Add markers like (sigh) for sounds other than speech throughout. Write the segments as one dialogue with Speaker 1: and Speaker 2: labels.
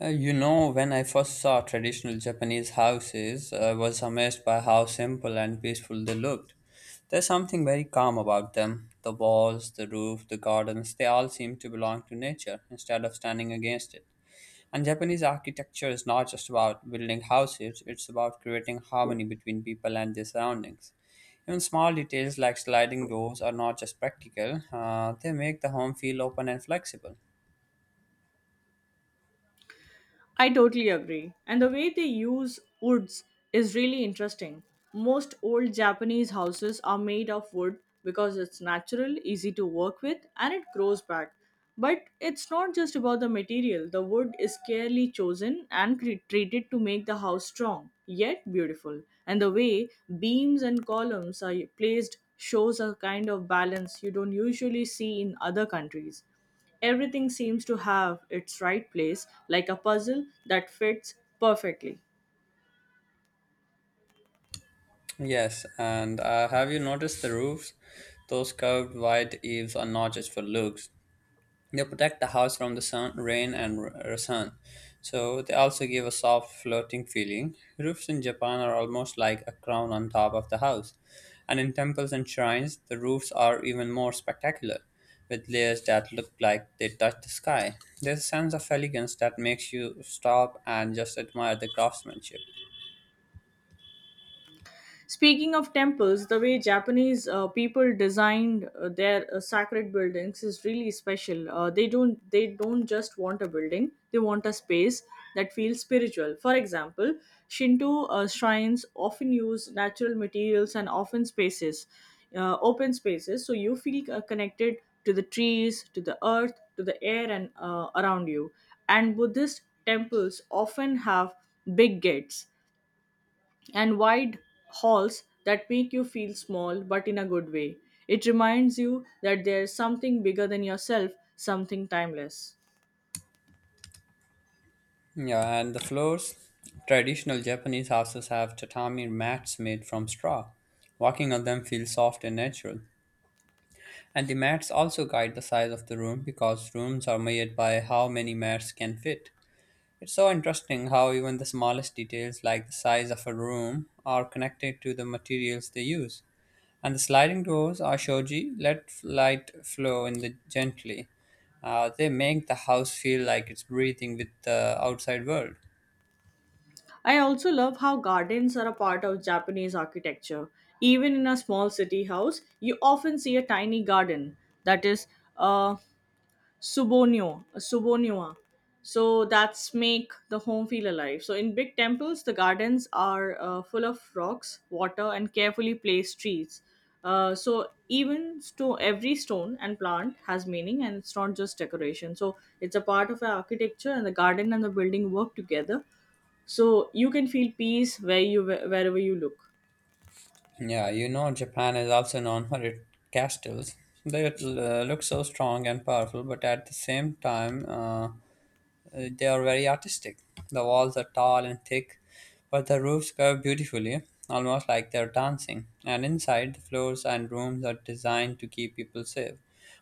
Speaker 1: When I first saw traditional Japanese houses, I was amazed by how simple and peaceful they looked. There's something very calm about them. The walls, the roof, the gardens, they all seem to belong to nature instead of standing against it. And Japanese architecture is not just about building houses, it's about creating harmony between people and their surroundings. Even small details like sliding doors are not just practical, they make the home feel open and flexible.
Speaker 2: I totally agree. And the way they use woods is really interesting. Most old Japanese houses are made of wood because it's natural, easy to work with, and it grows back. But it's not just about the material. The wood is carefully chosen and treated to make the house strong, yet beautiful. And the way beams and columns are placed shows a kind of balance you don't usually see in other countries. Everything seems to have its right place, like a puzzle that fits perfectly.
Speaker 1: Yes, and have you noticed the roofs? Those curved white eaves are not just for looks. They protect the house from the sun, rain, and sun. So they also give a soft, floating feeling. Roofs in Japan are almost like a crown on top of the house. And in temples and shrines, the roofs are even more spectacular, with layers that look like they touch the sky. There's a sense of elegance that makes you stop and just admire the craftsmanship.
Speaker 2: Speaking of temples, the way Japanese people designed their sacred buildings is really special. They don't just want a building; they want a space that feels spiritual. For example, Shinto shrines often use natural materials and often spaces, open spaces, so you feel connected to the trees, to the earth, to the air, and around you. And Buddhist temples often have big gates and wide halls that make you feel small but in a good way. It reminds you that there's something bigger than yourself, something timeless.
Speaker 1: Yeah, and the floors. Traditional Japanese houses have tatami mats made from straw. Walking on them feels soft and natural. And the mats also guide the size of the room because rooms are made by how many mats can fit. It's so interesting how even the smallest details, like the size of a room, are connected to the materials they use. And the sliding doors are shoji, let light flow in the gently. They make the house feel like it's breathing with the outside world.
Speaker 2: I also love how gardens are a part of Japanese architecture. Even in a small city house, you often see a tiny garden that is uh, Subonio, Subonua. So that's make the home feel alive. So in big temples, the gardens are full of rocks, water, and carefully placed trees. So even stone, every stone and plant has meaning, and it's not just decoration. So it's a part of our architecture, and the garden and the building work together. So you can feel peace where you wherever you look.
Speaker 1: Yeah, you know, Japan is also known for its castles. They look so strong and powerful, but at the same time, they are very artistic. The walls are tall and thick, but the roofs curve beautifully, almost like they're dancing. And inside, the floors and rooms are designed to keep people safe,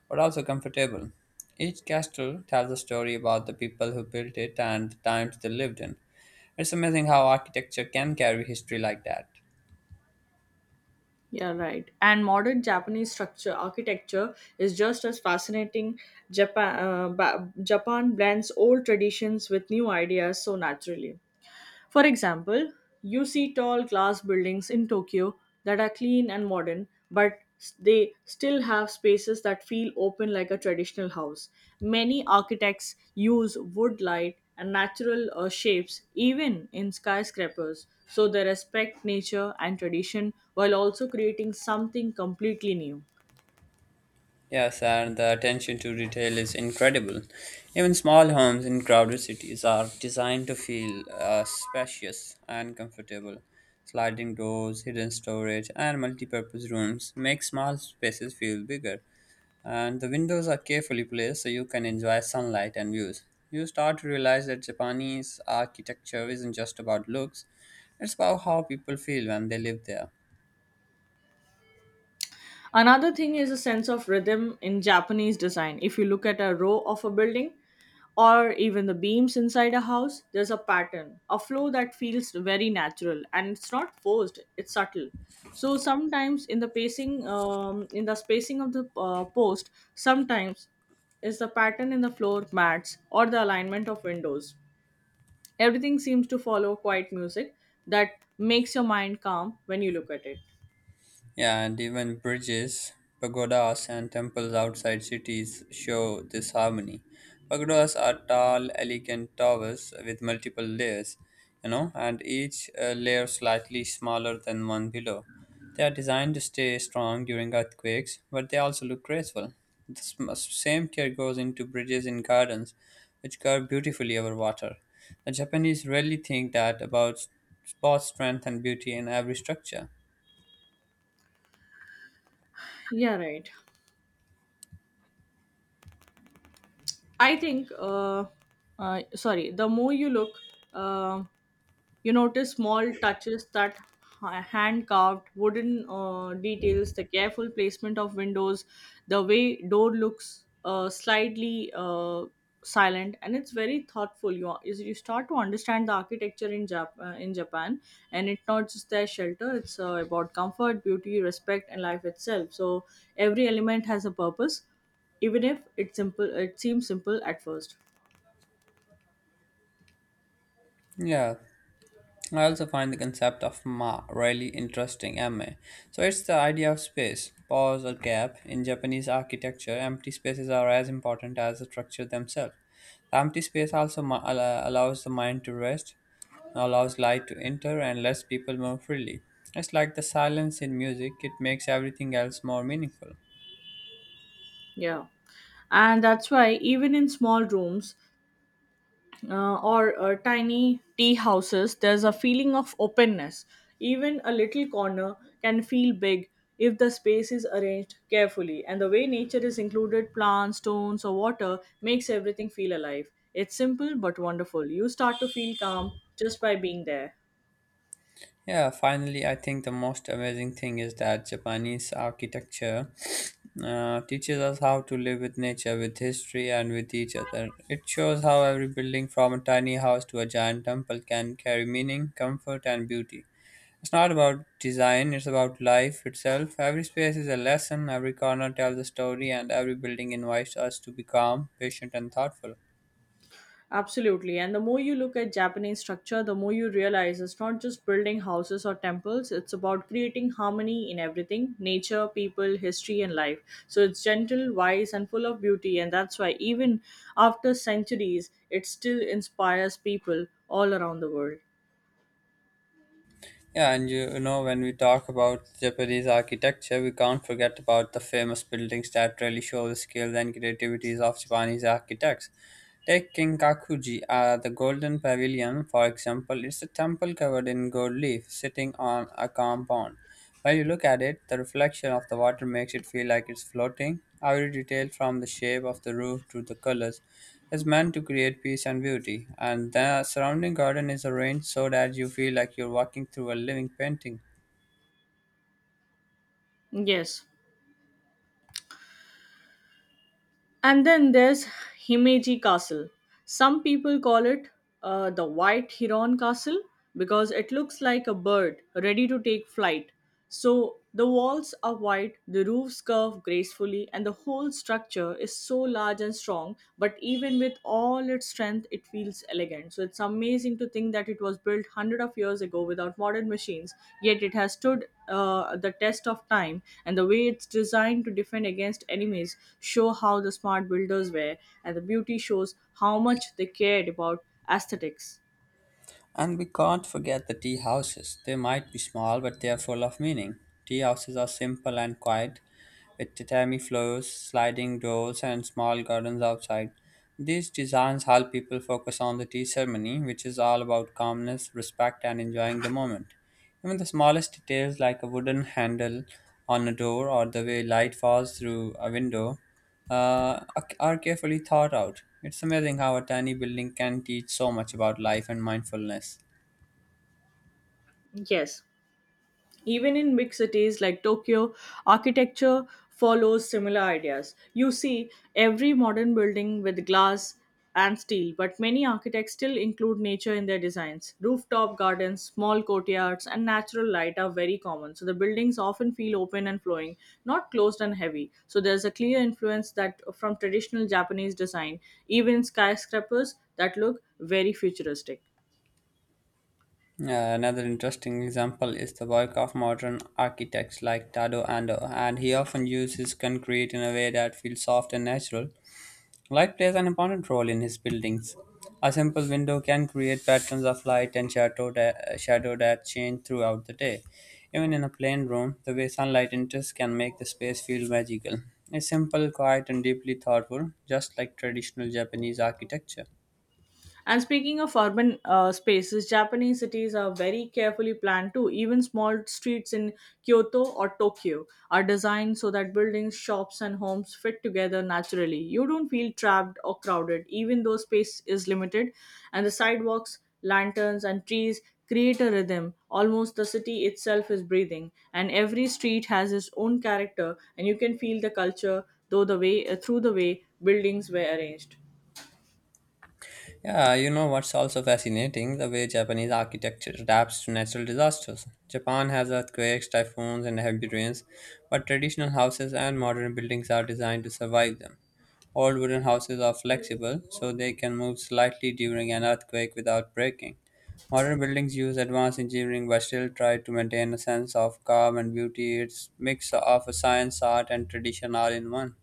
Speaker 1: but also comfortable. Each castle tells a story about the people who built it and the times they lived in. It's amazing how architecture can carry history like that.
Speaker 2: Yeah, right. And modern Japanese structure architecture is just as fascinating. Japan blends old traditions with new ideas so naturally. For example, you see tall glass buildings in Tokyo that are clean and modern, but they still have spaces that feel open like a traditional house. Many architects use wood light and natural shapes even in skyscrapers, so they respect nature and tradition while also creating something completely new.
Speaker 1: Yes, and the attention to detail is incredible. Even small homes in crowded cities are designed to feel spacious and comfortable. Sliding doors, hidden storage, and multi-purpose rooms make small spaces feel bigger. And the windows are carefully placed so you can enjoy sunlight and views. You start to realize that Japanese architecture isn't just about looks, it's about how people feel when they live there.
Speaker 2: Another thing is a sense of rhythm in Japanese design. If you look at a row of a building, or even the beams inside a house, there's a pattern, a flow that feels very natural and it's not forced, it's subtle. So sometimes in the pacing, in the spacing of the post, sometimes is the pattern in the floor mats or the alignment of windows. Everything seems to follow quiet music that makes your mind calm when you look at it.
Speaker 1: Yeah, and even bridges, pagodas, and temples outside cities show this harmony. Pagodas are tall, elegant towers with multiple layers, you know, and each layer slightly smaller than one below. They are designed to stay strong during earthquakes, but they also look graceful. The same care goes into bridges in gardens, which curve beautifully over water. The Japanese really think that about both strength and beauty in every structure.
Speaker 2: Yeah, right. I think, uh, the more you look, um you notice small touches that hand carved wooden details, the careful placement of windows, the way door looks slightly silent, and it's very thoughtful. You are- is you start to understand the architecture in in Japan, and it's not just their shelter; it's about comfort, beauty, respect, and life itself. So every element has a purpose, even if it's simple. It seems simple at first.
Speaker 1: Yeah, I also find the concept of ma really interesting, ma. So it's the idea of space, pause or gap. In Japanese architecture, empty spaces are as important as the structure themselves. The empty space also allows the mind to rest, allows light to enter, and lets people move freely. It's like the silence in music, it makes everything else more meaningful.
Speaker 2: Yeah. And that's why, even in small rooms, or tiny tea houses, there's a feeling of openness. Even a little corner can feel big if the space is arranged carefully, and the way nature is included plants, stones, or water makes everything feel alive. It's simple but wonderful. You start to feel calm just by being there.
Speaker 1: Yeah, finally, I think the most amazing thing is that Japanese architecture teaches us how to live with nature, with history, and with each other. It shows how every building, from a tiny house to a giant temple, can carry meaning, comfort, and beauty. It's not about design, it's about life itself. Every space is a lesson, every corner tells a story, and every building invites us to be calm, patient, and thoughtful.
Speaker 2: Absolutely. And the more you look at Japanese structure, the more you realize it's not just building houses or temples, it's about creating harmony in everything nature, people, history, and life. So it's gentle, wise, and full of beauty. And that's why, even after centuries, it still inspires people all around the world.
Speaker 1: Yeah, and you know, when we talk about Japanese architecture, we can't forget about the famous buildings that really show the skill and creativities of Japanese architects. Take Kinkakuji, the Golden Pavilion, for example. It's a temple covered in gold leaf, sitting on a compound. When you look at it, the reflection of the water makes it feel like it's floating. Every detail from the shape of the roof to the colors is meant to create peace and beauty, and the surrounding garden is arranged so that you feel like you're walking through a living painting.
Speaker 2: Yes. And then there's Himeji Castle. Some people call it the White Heron Castle because it looks like a bird ready to take flight. So the walls are white, the roofs curve gracefully, and the whole structure is so large and strong. But even with all its strength, it feels elegant. So it's amazing to think that it was built hundred of years ago without modern machines, yet it has stood the test of time. And the way it's designed to defend against enemies show how the smart builders were, and the beauty shows how much they cared about aesthetics.
Speaker 1: And we can't forget the tea houses. They might be small, but they are full of meaning. Tea houses are simple and quiet, with tatami floors, sliding doors, and small gardens outside. These designs help people focus on the tea ceremony, which is all about calmness, respect, and enjoying the moment. Even the smallest details, like a wooden handle on a door or the way light falls through a window, are carefully thought out. It's amazing how a tiny building can teach so much about life and mindfulness.
Speaker 2: Yes, even in big cities like Tokyo, architecture follows similar ideas. You see every modern building with glass and steel, but many architects still include nature in their designs. Rooftop gardens, small courtyards, and natural light are very common, so the buildings often feel open and flowing, not closed and heavy. So there's a clear influence that from traditional Japanese design, even skyscrapers that look very futuristic.
Speaker 1: Yeah, another interesting example is the work of modern architects like Tado Ando, and he often uses concrete in a way that feels soft and natural. Light plays an important role in his buildings. A simple window can create patterns of light and shadow that change throughout the day. Even in a plain room, the way sunlight enters can make the space feel magical. It's simple, quiet, and deeply thoughtful, just like traditional Japanese architecture.
Speaker 2: And speaking of urban spaces, Japanese cities are very carefully planned too. Even small streets in Kyoto or Tokyo are designed so that buildings, shops, and homes fit together naturally. You don't feel trapped or crowded, even though space is limited, and the sidewalks, lanterns, and trees create a rhythm. Almost the city itself is breathing, and every street has its own character, and you can feel the culture though the way through the way buildings were arranged.
Speaker 1: Yeah, you know what's also fascinating? The way Japanese architecture adapts to natural disasters. Japan has earthquakes, typhoons, and heavy rains, but traditional houses and modern buildings are designed to survive them. Old wooden houses are flexible, so they can move slightly during an earthquake without breaking. Modern buildings use advanced engineering but still try to maintain a sense of calm and beauty. It's mix of science, art, and tradition all in one.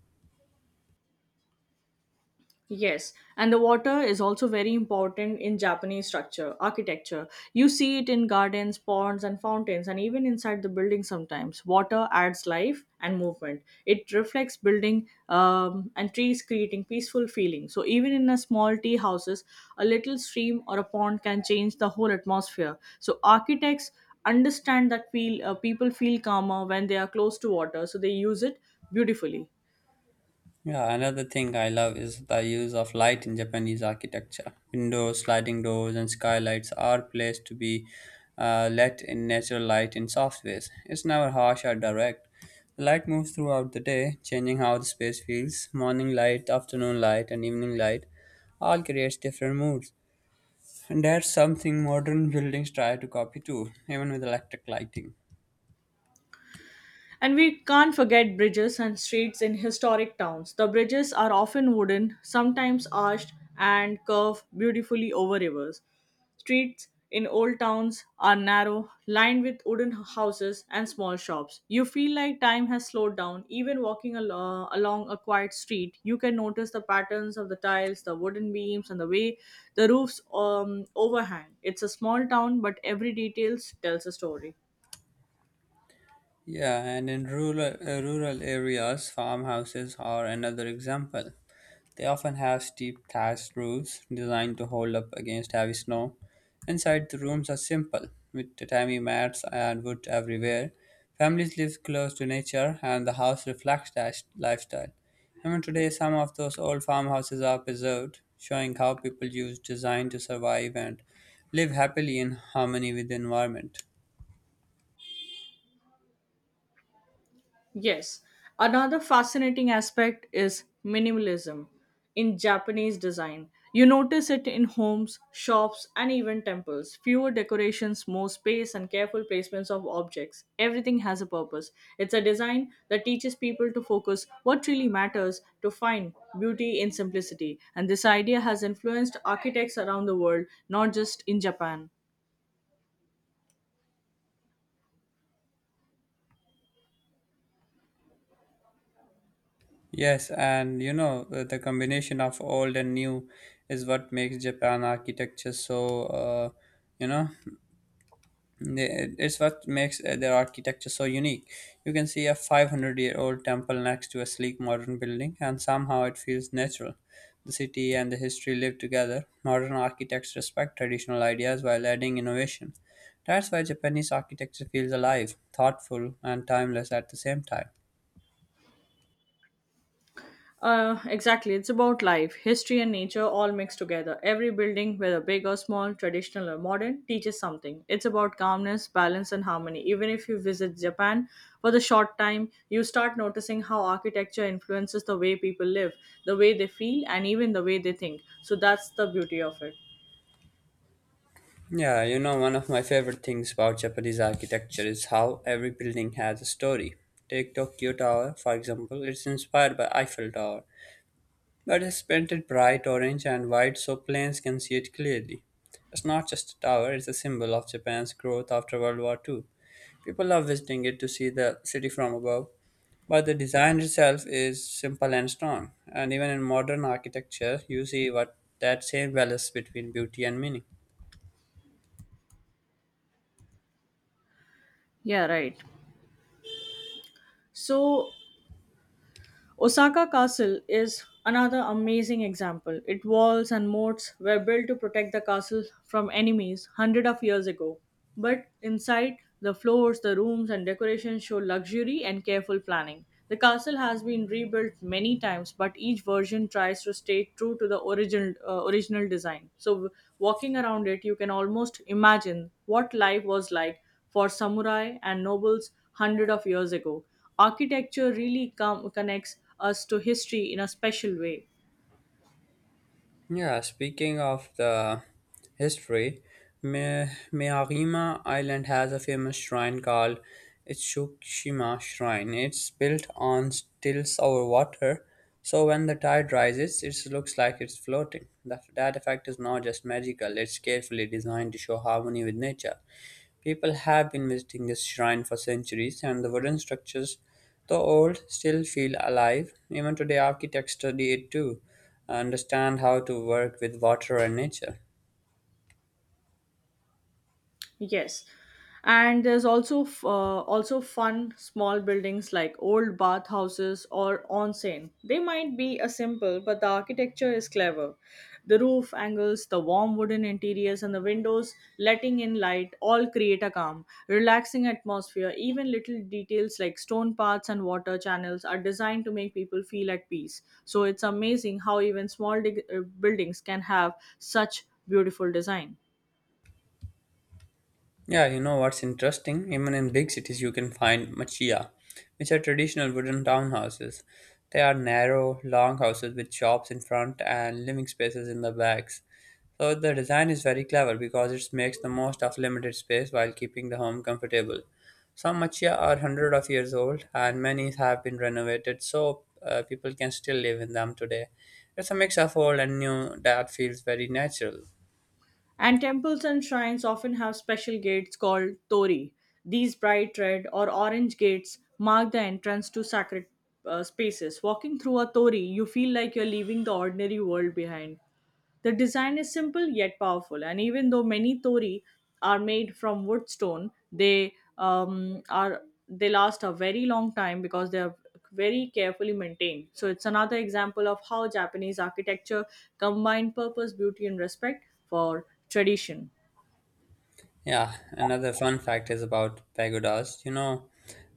Speaker 2: Yes, and the water is also very important in Japanese structure, architecture. You see it in gardens, ponds, and fountains, and even inside the building sometimes. Water adds life and movement. It reflects building and trees, creating peaceful feeling. So even in a small tea houses, a little stream or a pond can change the whole atmosphere. So architects understand that feel people feel calmer when they are close to water, so they use it beautifully.
Speaker 1: Yeah, another thing I love is the use of light in Japanese architecture. Windows, sliding doors, and skylights are placed to be let in natural light in soft ways. It's never harsh or direct. The light moves throughout the day, changing how the space feels. Morning light, afternoon light, and evening light all creates different moods. And that's something modern buildings try to copy too, even with electric lighting.
Speaker 2: And we can't forget bridges and streets in historic towns. The bridges are often wooden, sometimes arched, and curve beautifully over rivers. Streets in old towns are narrow, lined with wooden houses and small shops. You feel like time has slowed down. Even walking along a quiet street, you can notice the patterns of the tiles, the wooden beams, and the way the roofs overhang. It's a small town, but every detail tells a story.
Speaker 1: Yeah, and in rural areas, farmhouses are another example. They often have steep thatched roofs designed to hold up against heavy snow. Inside, the rooms are simple, with tatami mats and wood everywhere. Families live close to nature, and the house reflects that lifestyle. Even today, some of those old farmhouses are preserved, showing how people used design to survive and live happily in harmony with the environment.
Speaker 2: Yes. Another fascinating aspect is minimalism in Japanese design. You notice it in homes, shops, and even temples. Fewer decorations, more space, and careful placements of objects. Everything has a purpose. It's a design that teaches people to focus what really matters to find beauty in simplicity. And this idea has influenced architects around the world, not just in Japan.
Speaker 1: Yes, and you know, the combination of old and new is what makes Japan architecture so, you know, It's what makes their architecture so unique. You can see a 500 year old temple next to a sleek modern building, and somehow it feels natural. The city and the history live together. Modern architects respect traditional ideas while adding innovation. That's why Japanese architecture feels alive, thoughtful, and timeless at the same time.
Speaker 2: Exactly. It's about life, history, and nature all mixed together. Every building, whether big or small, traditional or modern, teaches something. It's about calmness, balance, and harmony. Even if you visit Japan for the short time, you start noticing how architecture influences the way people live, the way they feel, and even the way they think. So that's the beauty of it.
Speaker 1: Yeah, you know, one of my favorite things about Japanese architecture is how every building has a story. Take Tokyo Tower, for example, it's inspired by Eiffel Tower. But it's painted bright orange and white so planes can see it clearly. It's not just a tower, it's a symbol of Japan's growth after World War Two. People love visiting it to see the city from above, but the design itself is simple and strong. And even in modern architecture, you see what that same balance between beauty and meaning.
Speaker 2: Yeah, right. So Osaka Castle is another amazing example. Its walls and moats were built to protect the castle from enemies hundreds of years ago. But inside, the floors, the rooms, and decorations show luxury and careful planning. The castle has been rebuilt many times, but each version tries to stay true to the original design. So, walking around it, you can almost imagine what life was like for samurai and nobles hundred of years ago. Architecture really connects us to history in a special way.
Speaker 1: Yeah, speaking of the history, Miyajima Island has a famous shrine called Itsukushima Shrine. It's built on stills over water, so when the tide rises, it looks like it's floating. That effect is not just magical, it's carefully designed to show harmony with nature. People have been visiting this shrine for centuries, and the wooden structures, though old, still feel alive. Even today, architects study it too understand how to work with water and nature.
Speaker 2: Yes, and there's also also fun small buildings like old bathhouses or onsen. They might be a simple, but the architecture is clever. The roof angles, the warm wooden interiors, and the windows letting in light all create a calm, relaxing atmosphere. Even little details like stone paths and water channels are designed to make people feel at peace. So it's amazing how even small buildings can have such beautiful design.
Speaker 1: Yeah, you know what's interesting? Even in big cities, you can find machiya, which are traditional wooden townhouses. They are narrow, long houses with shops in front and living spaces in the backs. So the design is very clever because it makes the most of limited space while keeping the home comfortable. Some machiya are hundred of years old, and many have been renovated, so people can still live in them today. It's a mix of old and new that feels very natural.
Speaker 2: And temples and shrines often have special gates called tori. These bright red or orange gates mark the entrance to sacred spaces. Walking through a tori, you feel like you're leaving the ordinary world behind. The design is simple yet powerful, and even though many tori are made from wood stone, they last a very long time because they are very carefully maintained. So it's another example of how Japanese architecture combine purpose, beauty, and respect for tradition.
Speaker 1: Yeah, another fun fact is about pagodas. You know,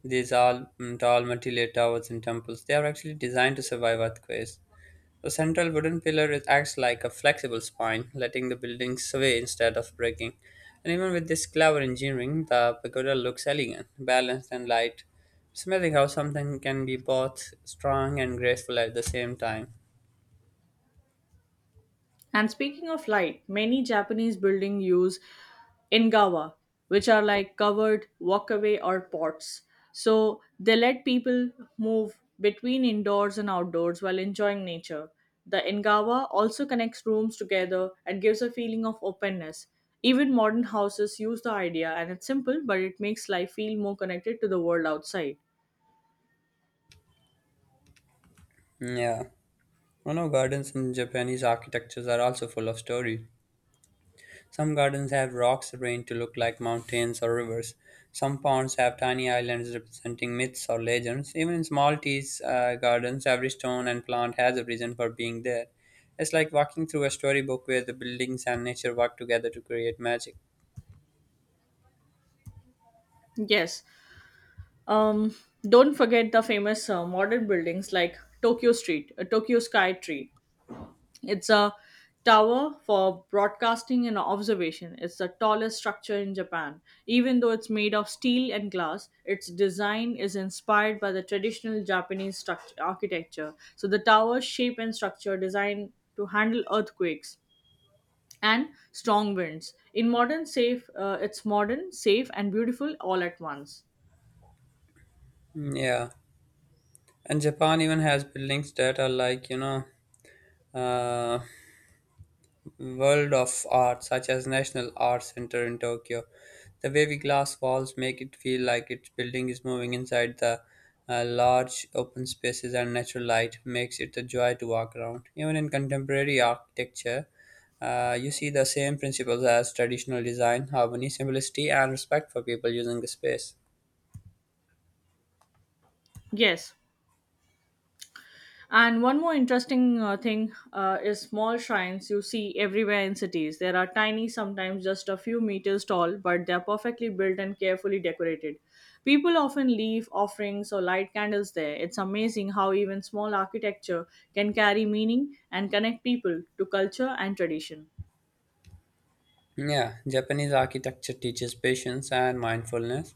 Speaker 1: these all tall multi-layered towers and temples. They are actually designed to survive earthquakes. The central wooden acts like a flexible spine, letting the building sway instead of breaking. And even with this clever engineering, the pagoda looks elegant, balanced, and light, smelling how something can be both strong and graceful at the same time.
Speaker 2: And speaking of light, many Japanese buildings use ingawa, which are like covered walkaway or pots. So they let people move between indoors and outdoors while enjoying nature. The ingawa also connects rooms together and gives a feeling of openness. Even modern houses use the idea, and it's simple, but it makes life feel more connected to the world outside.
Speaker 1: Yeah, you know, gardens in Japanese architectures are also full of story. Some gardens have rocks arranged to look like mountains or rivers. Some ponds have tiny islands representing myths or legends. Even in small tea gardens, every stone and plant has a reason for being there. It's like walking through a storybook where the buildings and nature work together to create magic.
Speaker 2: Yes. Um, don't forget the famous modern buildings like Tokyo Sky Tree. It's a tower for broadcasting and observation. It's the tallest structure in Japan. Even though it's made of steel and glass, its design is inspired by the traditional Japanese structure, architecture. So the tower's shape and structure are designed to handle earthquakes and strong winds. In modern safe, it's modern, safe, and beautiful all at once.
Speaker 1: Yeah, and Japan even has buildings that are like uh, world of art, such as National Art Center in Tokyo. The wavy glass walls make it feel like its building is moving inside the large open spaces, and natural light makes it a joy to walk around. Even in contemporary architecture, you see the same principles as traditional design harmony, simplicity, and respect for people using the space.
Speaker 2: Yes. And one more interesting thing is small shrines you see everywhere in cities. There are tiny, sometimes just a few meters tall, but they're perfectly built and carefully decorated. People often leave offerings or light candles there. It's amazing how even small architecture can carry meaning and connect people to culture and tradition.
Speaker 1: Yeah, Japanese architecture teaches patience and mindfulness.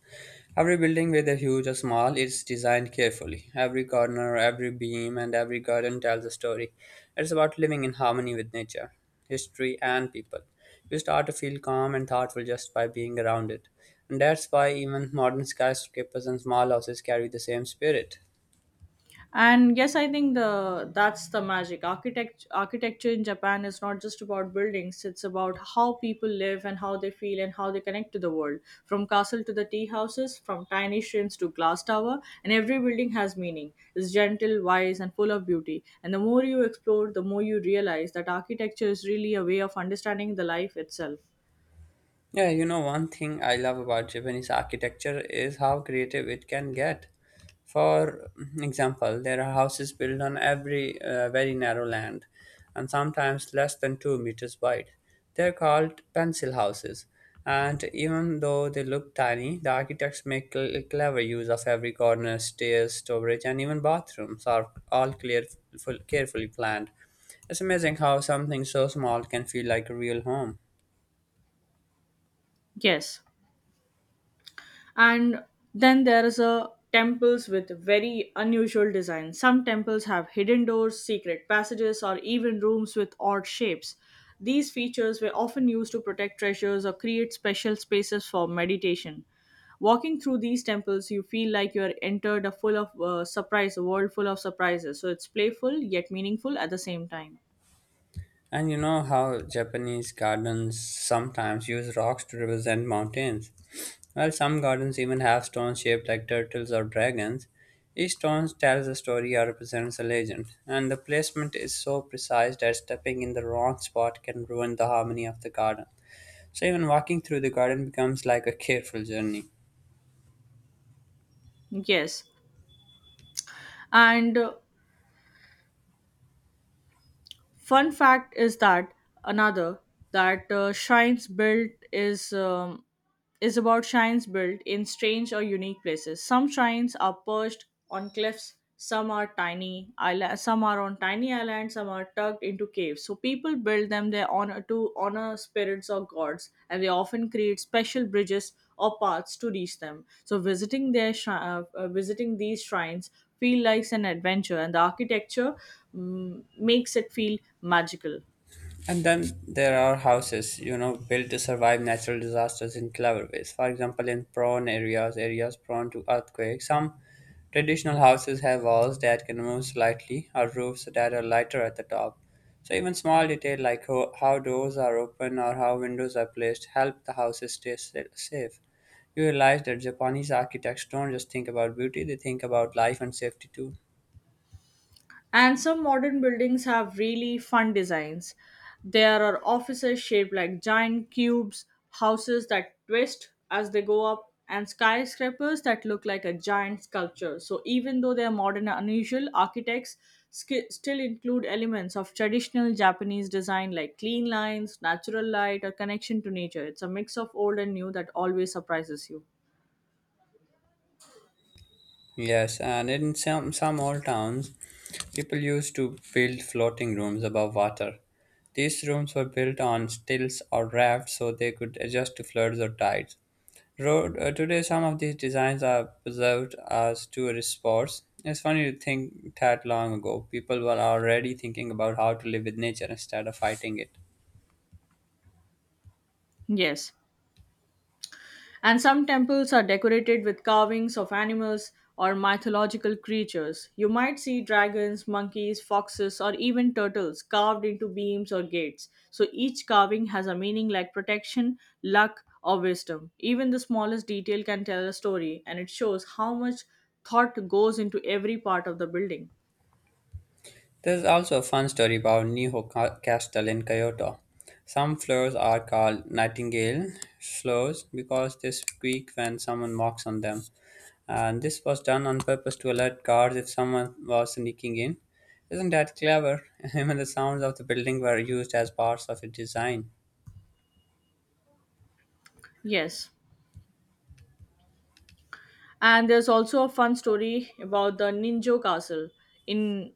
Speaker 1: Every building, whether huge or small, is designed carefully. Every corner, every beam, and every garden tells a story. It's about living in harmony with nature, history, and people. You start to feel calm and thoughtful just by being around it. And that's why even modern skyscrapers and small houses carry the same spirit.
Speaker 2: And yes, I think the that's the magic. Architecture in Japan is not just about buildings. It's about how people live and how they feel and how they connect to the world. From castle to the tea houses, from tiny shrines to glass tower, and every building has meaning. It's gentle, wise, and full of beauty. And the more you explore, the more you realize that architecture is really a way of understanding the life itself.
Speaker 1: Yeah, one thing I love about Japanese architecture is how creative it can get. For example, there are houses built on every very narrow land and sometimes less than 2 meters wide. They're called pencil houses, and even though they look tiny, the architects make clever use of every corner, stairs, storage, and even bathrooms are all clear, full, carefully planned. It's amazing how something so small can feel like a real home.
Speaker 2: Yes. And then there is a temples with very unusual designs. Some temples have hidden doors, secret passages, or even rooms with odd shapes. These features were often used to protect treasures or create special spaces for meditation. Walking through these temples, you feel like you are entered a full of surprise a world full of surprises. So it's playful yet meaningful at the same time.
Speaker 1: And you know how Japanese gardens sometimes use rocks to represent mountains? Well, some gardens even have stones shaped like turtles or dragons. Each stone tells a story or represents a legend, and the placement is so precise that stepping in the wrong spot can ruin the harmony of the garden. So, even walking through the garden becomes like a careful journey.
Speaker 2: Yes. And fun fact is that another that Shrines built is about shrines built in strange or unique places. Some shrines are perched on cliffs, some are on tiny islands, some are tucked into caves. So people build them there honor spirits or gods, and they often create special bridges or paths to reach them. So visiting these shrines feel like an adventure, and the architecture makes it feel magical.
Speaker 1: And then there are houses, built to survive natural disasters in clever ways. For example, in areas prone to earthquakes, some traditional houses have walls that can move slightly or roofs that are lighter at the top. So even small detail like how doors are open or how windows are placed help the houses stay safe. You realize that Japanese architects don't just think about beauty, they think about life and safety too.
Speaker 2: And some modern buildings have really fun designs. There are offices shaped like giant cubes, houses that twist as they go up, and skyscrapers that look like a giant sculpture. So, even though they are modern and unusual, architects still include elements of traditional Japanese design like clean lines, natural light, or connection to nature. It's a mix of old and new that always surprises you.
Speaker 1: Yes, and in some old towns, people used to build floating rooms above water. These rooms were built on stilts or rafts so they could adjust to floods or tides. Today, some of these designs are preserved as tourist spots. It's funny to think that long ago, people were already thinking about how to live with nature instead of fighting it.
Speaker 2: Yes. And some temples are decorated with carvings of animals or mythological creatures. You might see dragons, monkeys, foxes, or even turtles carved into beams or gates. So each carving has a meaning like protection, luck, or wisdom. Even the smallest detail can tell a story, and it shows how much thought goes into every part of the building.
Speaker 1: There's also a fun story about Castle in Kyoto. Some flowers are called nightingale flowers because they squeak when someone walks on them. And this was done on purpose to alert guards if someone was sneaking in. Isn't that clever? (laughs) Even the sounds of the building were used as parts of its design.
Speaker 2: Yes. And there's also a fun story about the Ninjo Castle in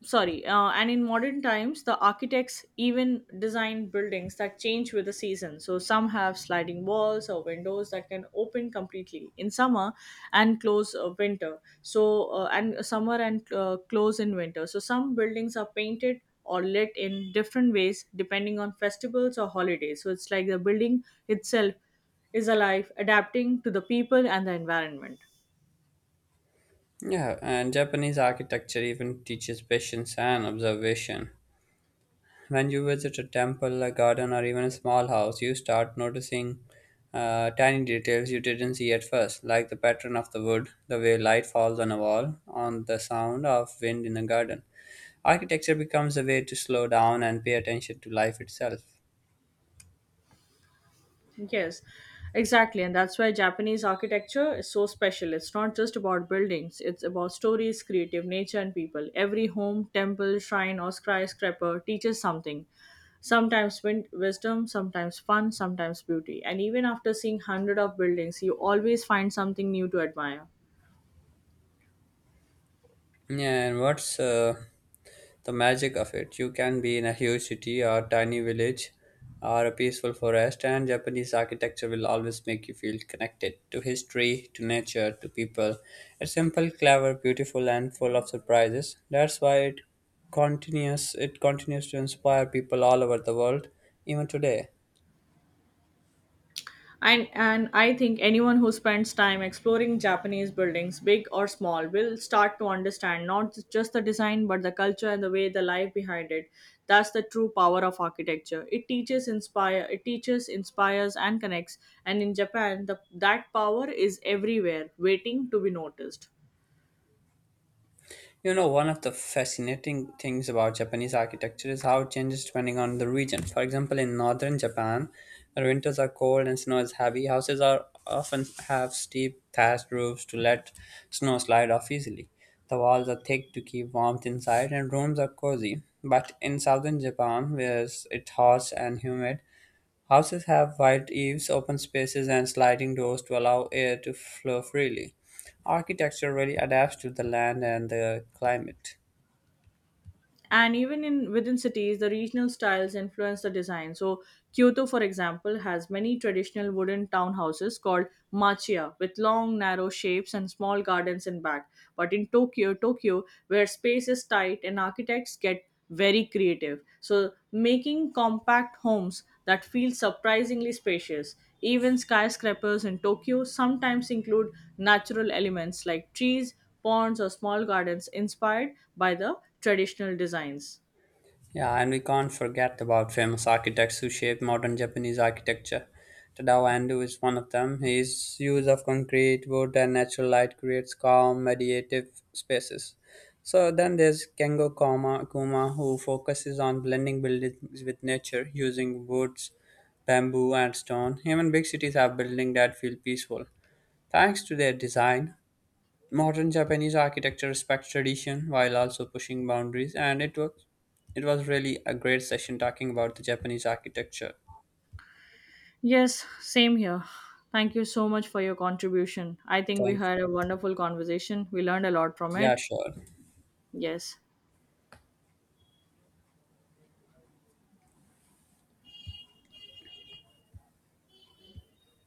Speaker 2: sorry and in modern times the architects even designed buildings that change with the season. So some have sliding walls or windows that can open completely in summer and close winter so and summer and close in winter. So some buildings are painted or lit in different ways depending on festivals or holidays. So it's like the building itself is alive, adapting to the people and the environment.
Speaker 1: Yeah, and Japanese architecture even teaches patience and observation. When you visit a temple, a garden, or even a small house, you start noticing tiny details you didn't see at first, like the pattern of the wood, the way light falls on a wall, on the sound of wind in a garden. Architecture becomes a way to slow down and pay attention to life itself.
Speaker 2: Yes, exactly. And that's why Japanese architecture is so special. It's not just about buildings, it's about stories, creative nature, and people. Every home, temple, shrine, or skyscraper teaches something. Sometimes wisdom, sometimes fun, sometimes beauty. And even after seeing hundred of buildings, you always find something new to admire.
Speaker 1: Yeah, and what's the magic of it. You can be in a huge city or tiny village or a peaceful forest, and Japanese architecture will always make you feel connected to history, to nature, to people. It's simple, clever, beautiful, and full of surprises. That's why it continues to inspire people all over the world, even today.
Speaker 2: And I think anyone who spends time exploring Japanese buildings, big or small, will start to understand not just the design but the culture and the way the life behind it. That's the true power of architecture. It teaches, inspires, and connects. And in Japan, that power is everywhere, waiting to be noticed.
Speaker 1: You know, one of the fascinating things about Japanese architecture is how it changes depending on the region. For example, in northern Japan, where winters are cold and snow is heavy, houses are often have steep thatched roofs to let snow slide off easily. The walls are thick to keep warmth inside, and rooms are cozy. But in southern Japan, where it's hot and humid, houses have wide eaves, open spaces, and sliding doors to allow air to flow freely. Architecture really adapts to the land and the climate.
Speaker 2: And even in within cities the regional styles influence the design. So Kyoto, for example, has many traditional wooden townhouses called machiya, with long narrow shapes and small gardens in back. But in Tokyo, where space is tight and architects get very creative. So, making compact homes that feel surprisingly spacious. Even skyscrapers in Tokyo sometimes include natural elements like trees, ponds, or small gardens inspired by the traditional designs.
Speaker 1: Yeah, and we can't forget about famous architects who shaped modern Japanese architecture. Tadao Ando is one of them. His use of concrete, wood, and natural light creates calm, meditative spaces. So then there's Kengo Kuma who focuses on blending buildings with nature using woods, bamboo, and stone. Even big cities have buildings that feel peaceful, thanks to their design. Modern Japanese architecture respects tradition while also pushing boundaries, and it was really a great session talking about the Japanese architecture.
Speaker 2: Yes, same here. Thank you so much for your contribution. I think we
Speaker 1: Thanks.
Speaker 2: had a wonderful conversation. We learned a lot from
Speaker 1: Yeah,
Speaker 2: it.
Speaker 1: sure.
Speaker 2: Yes.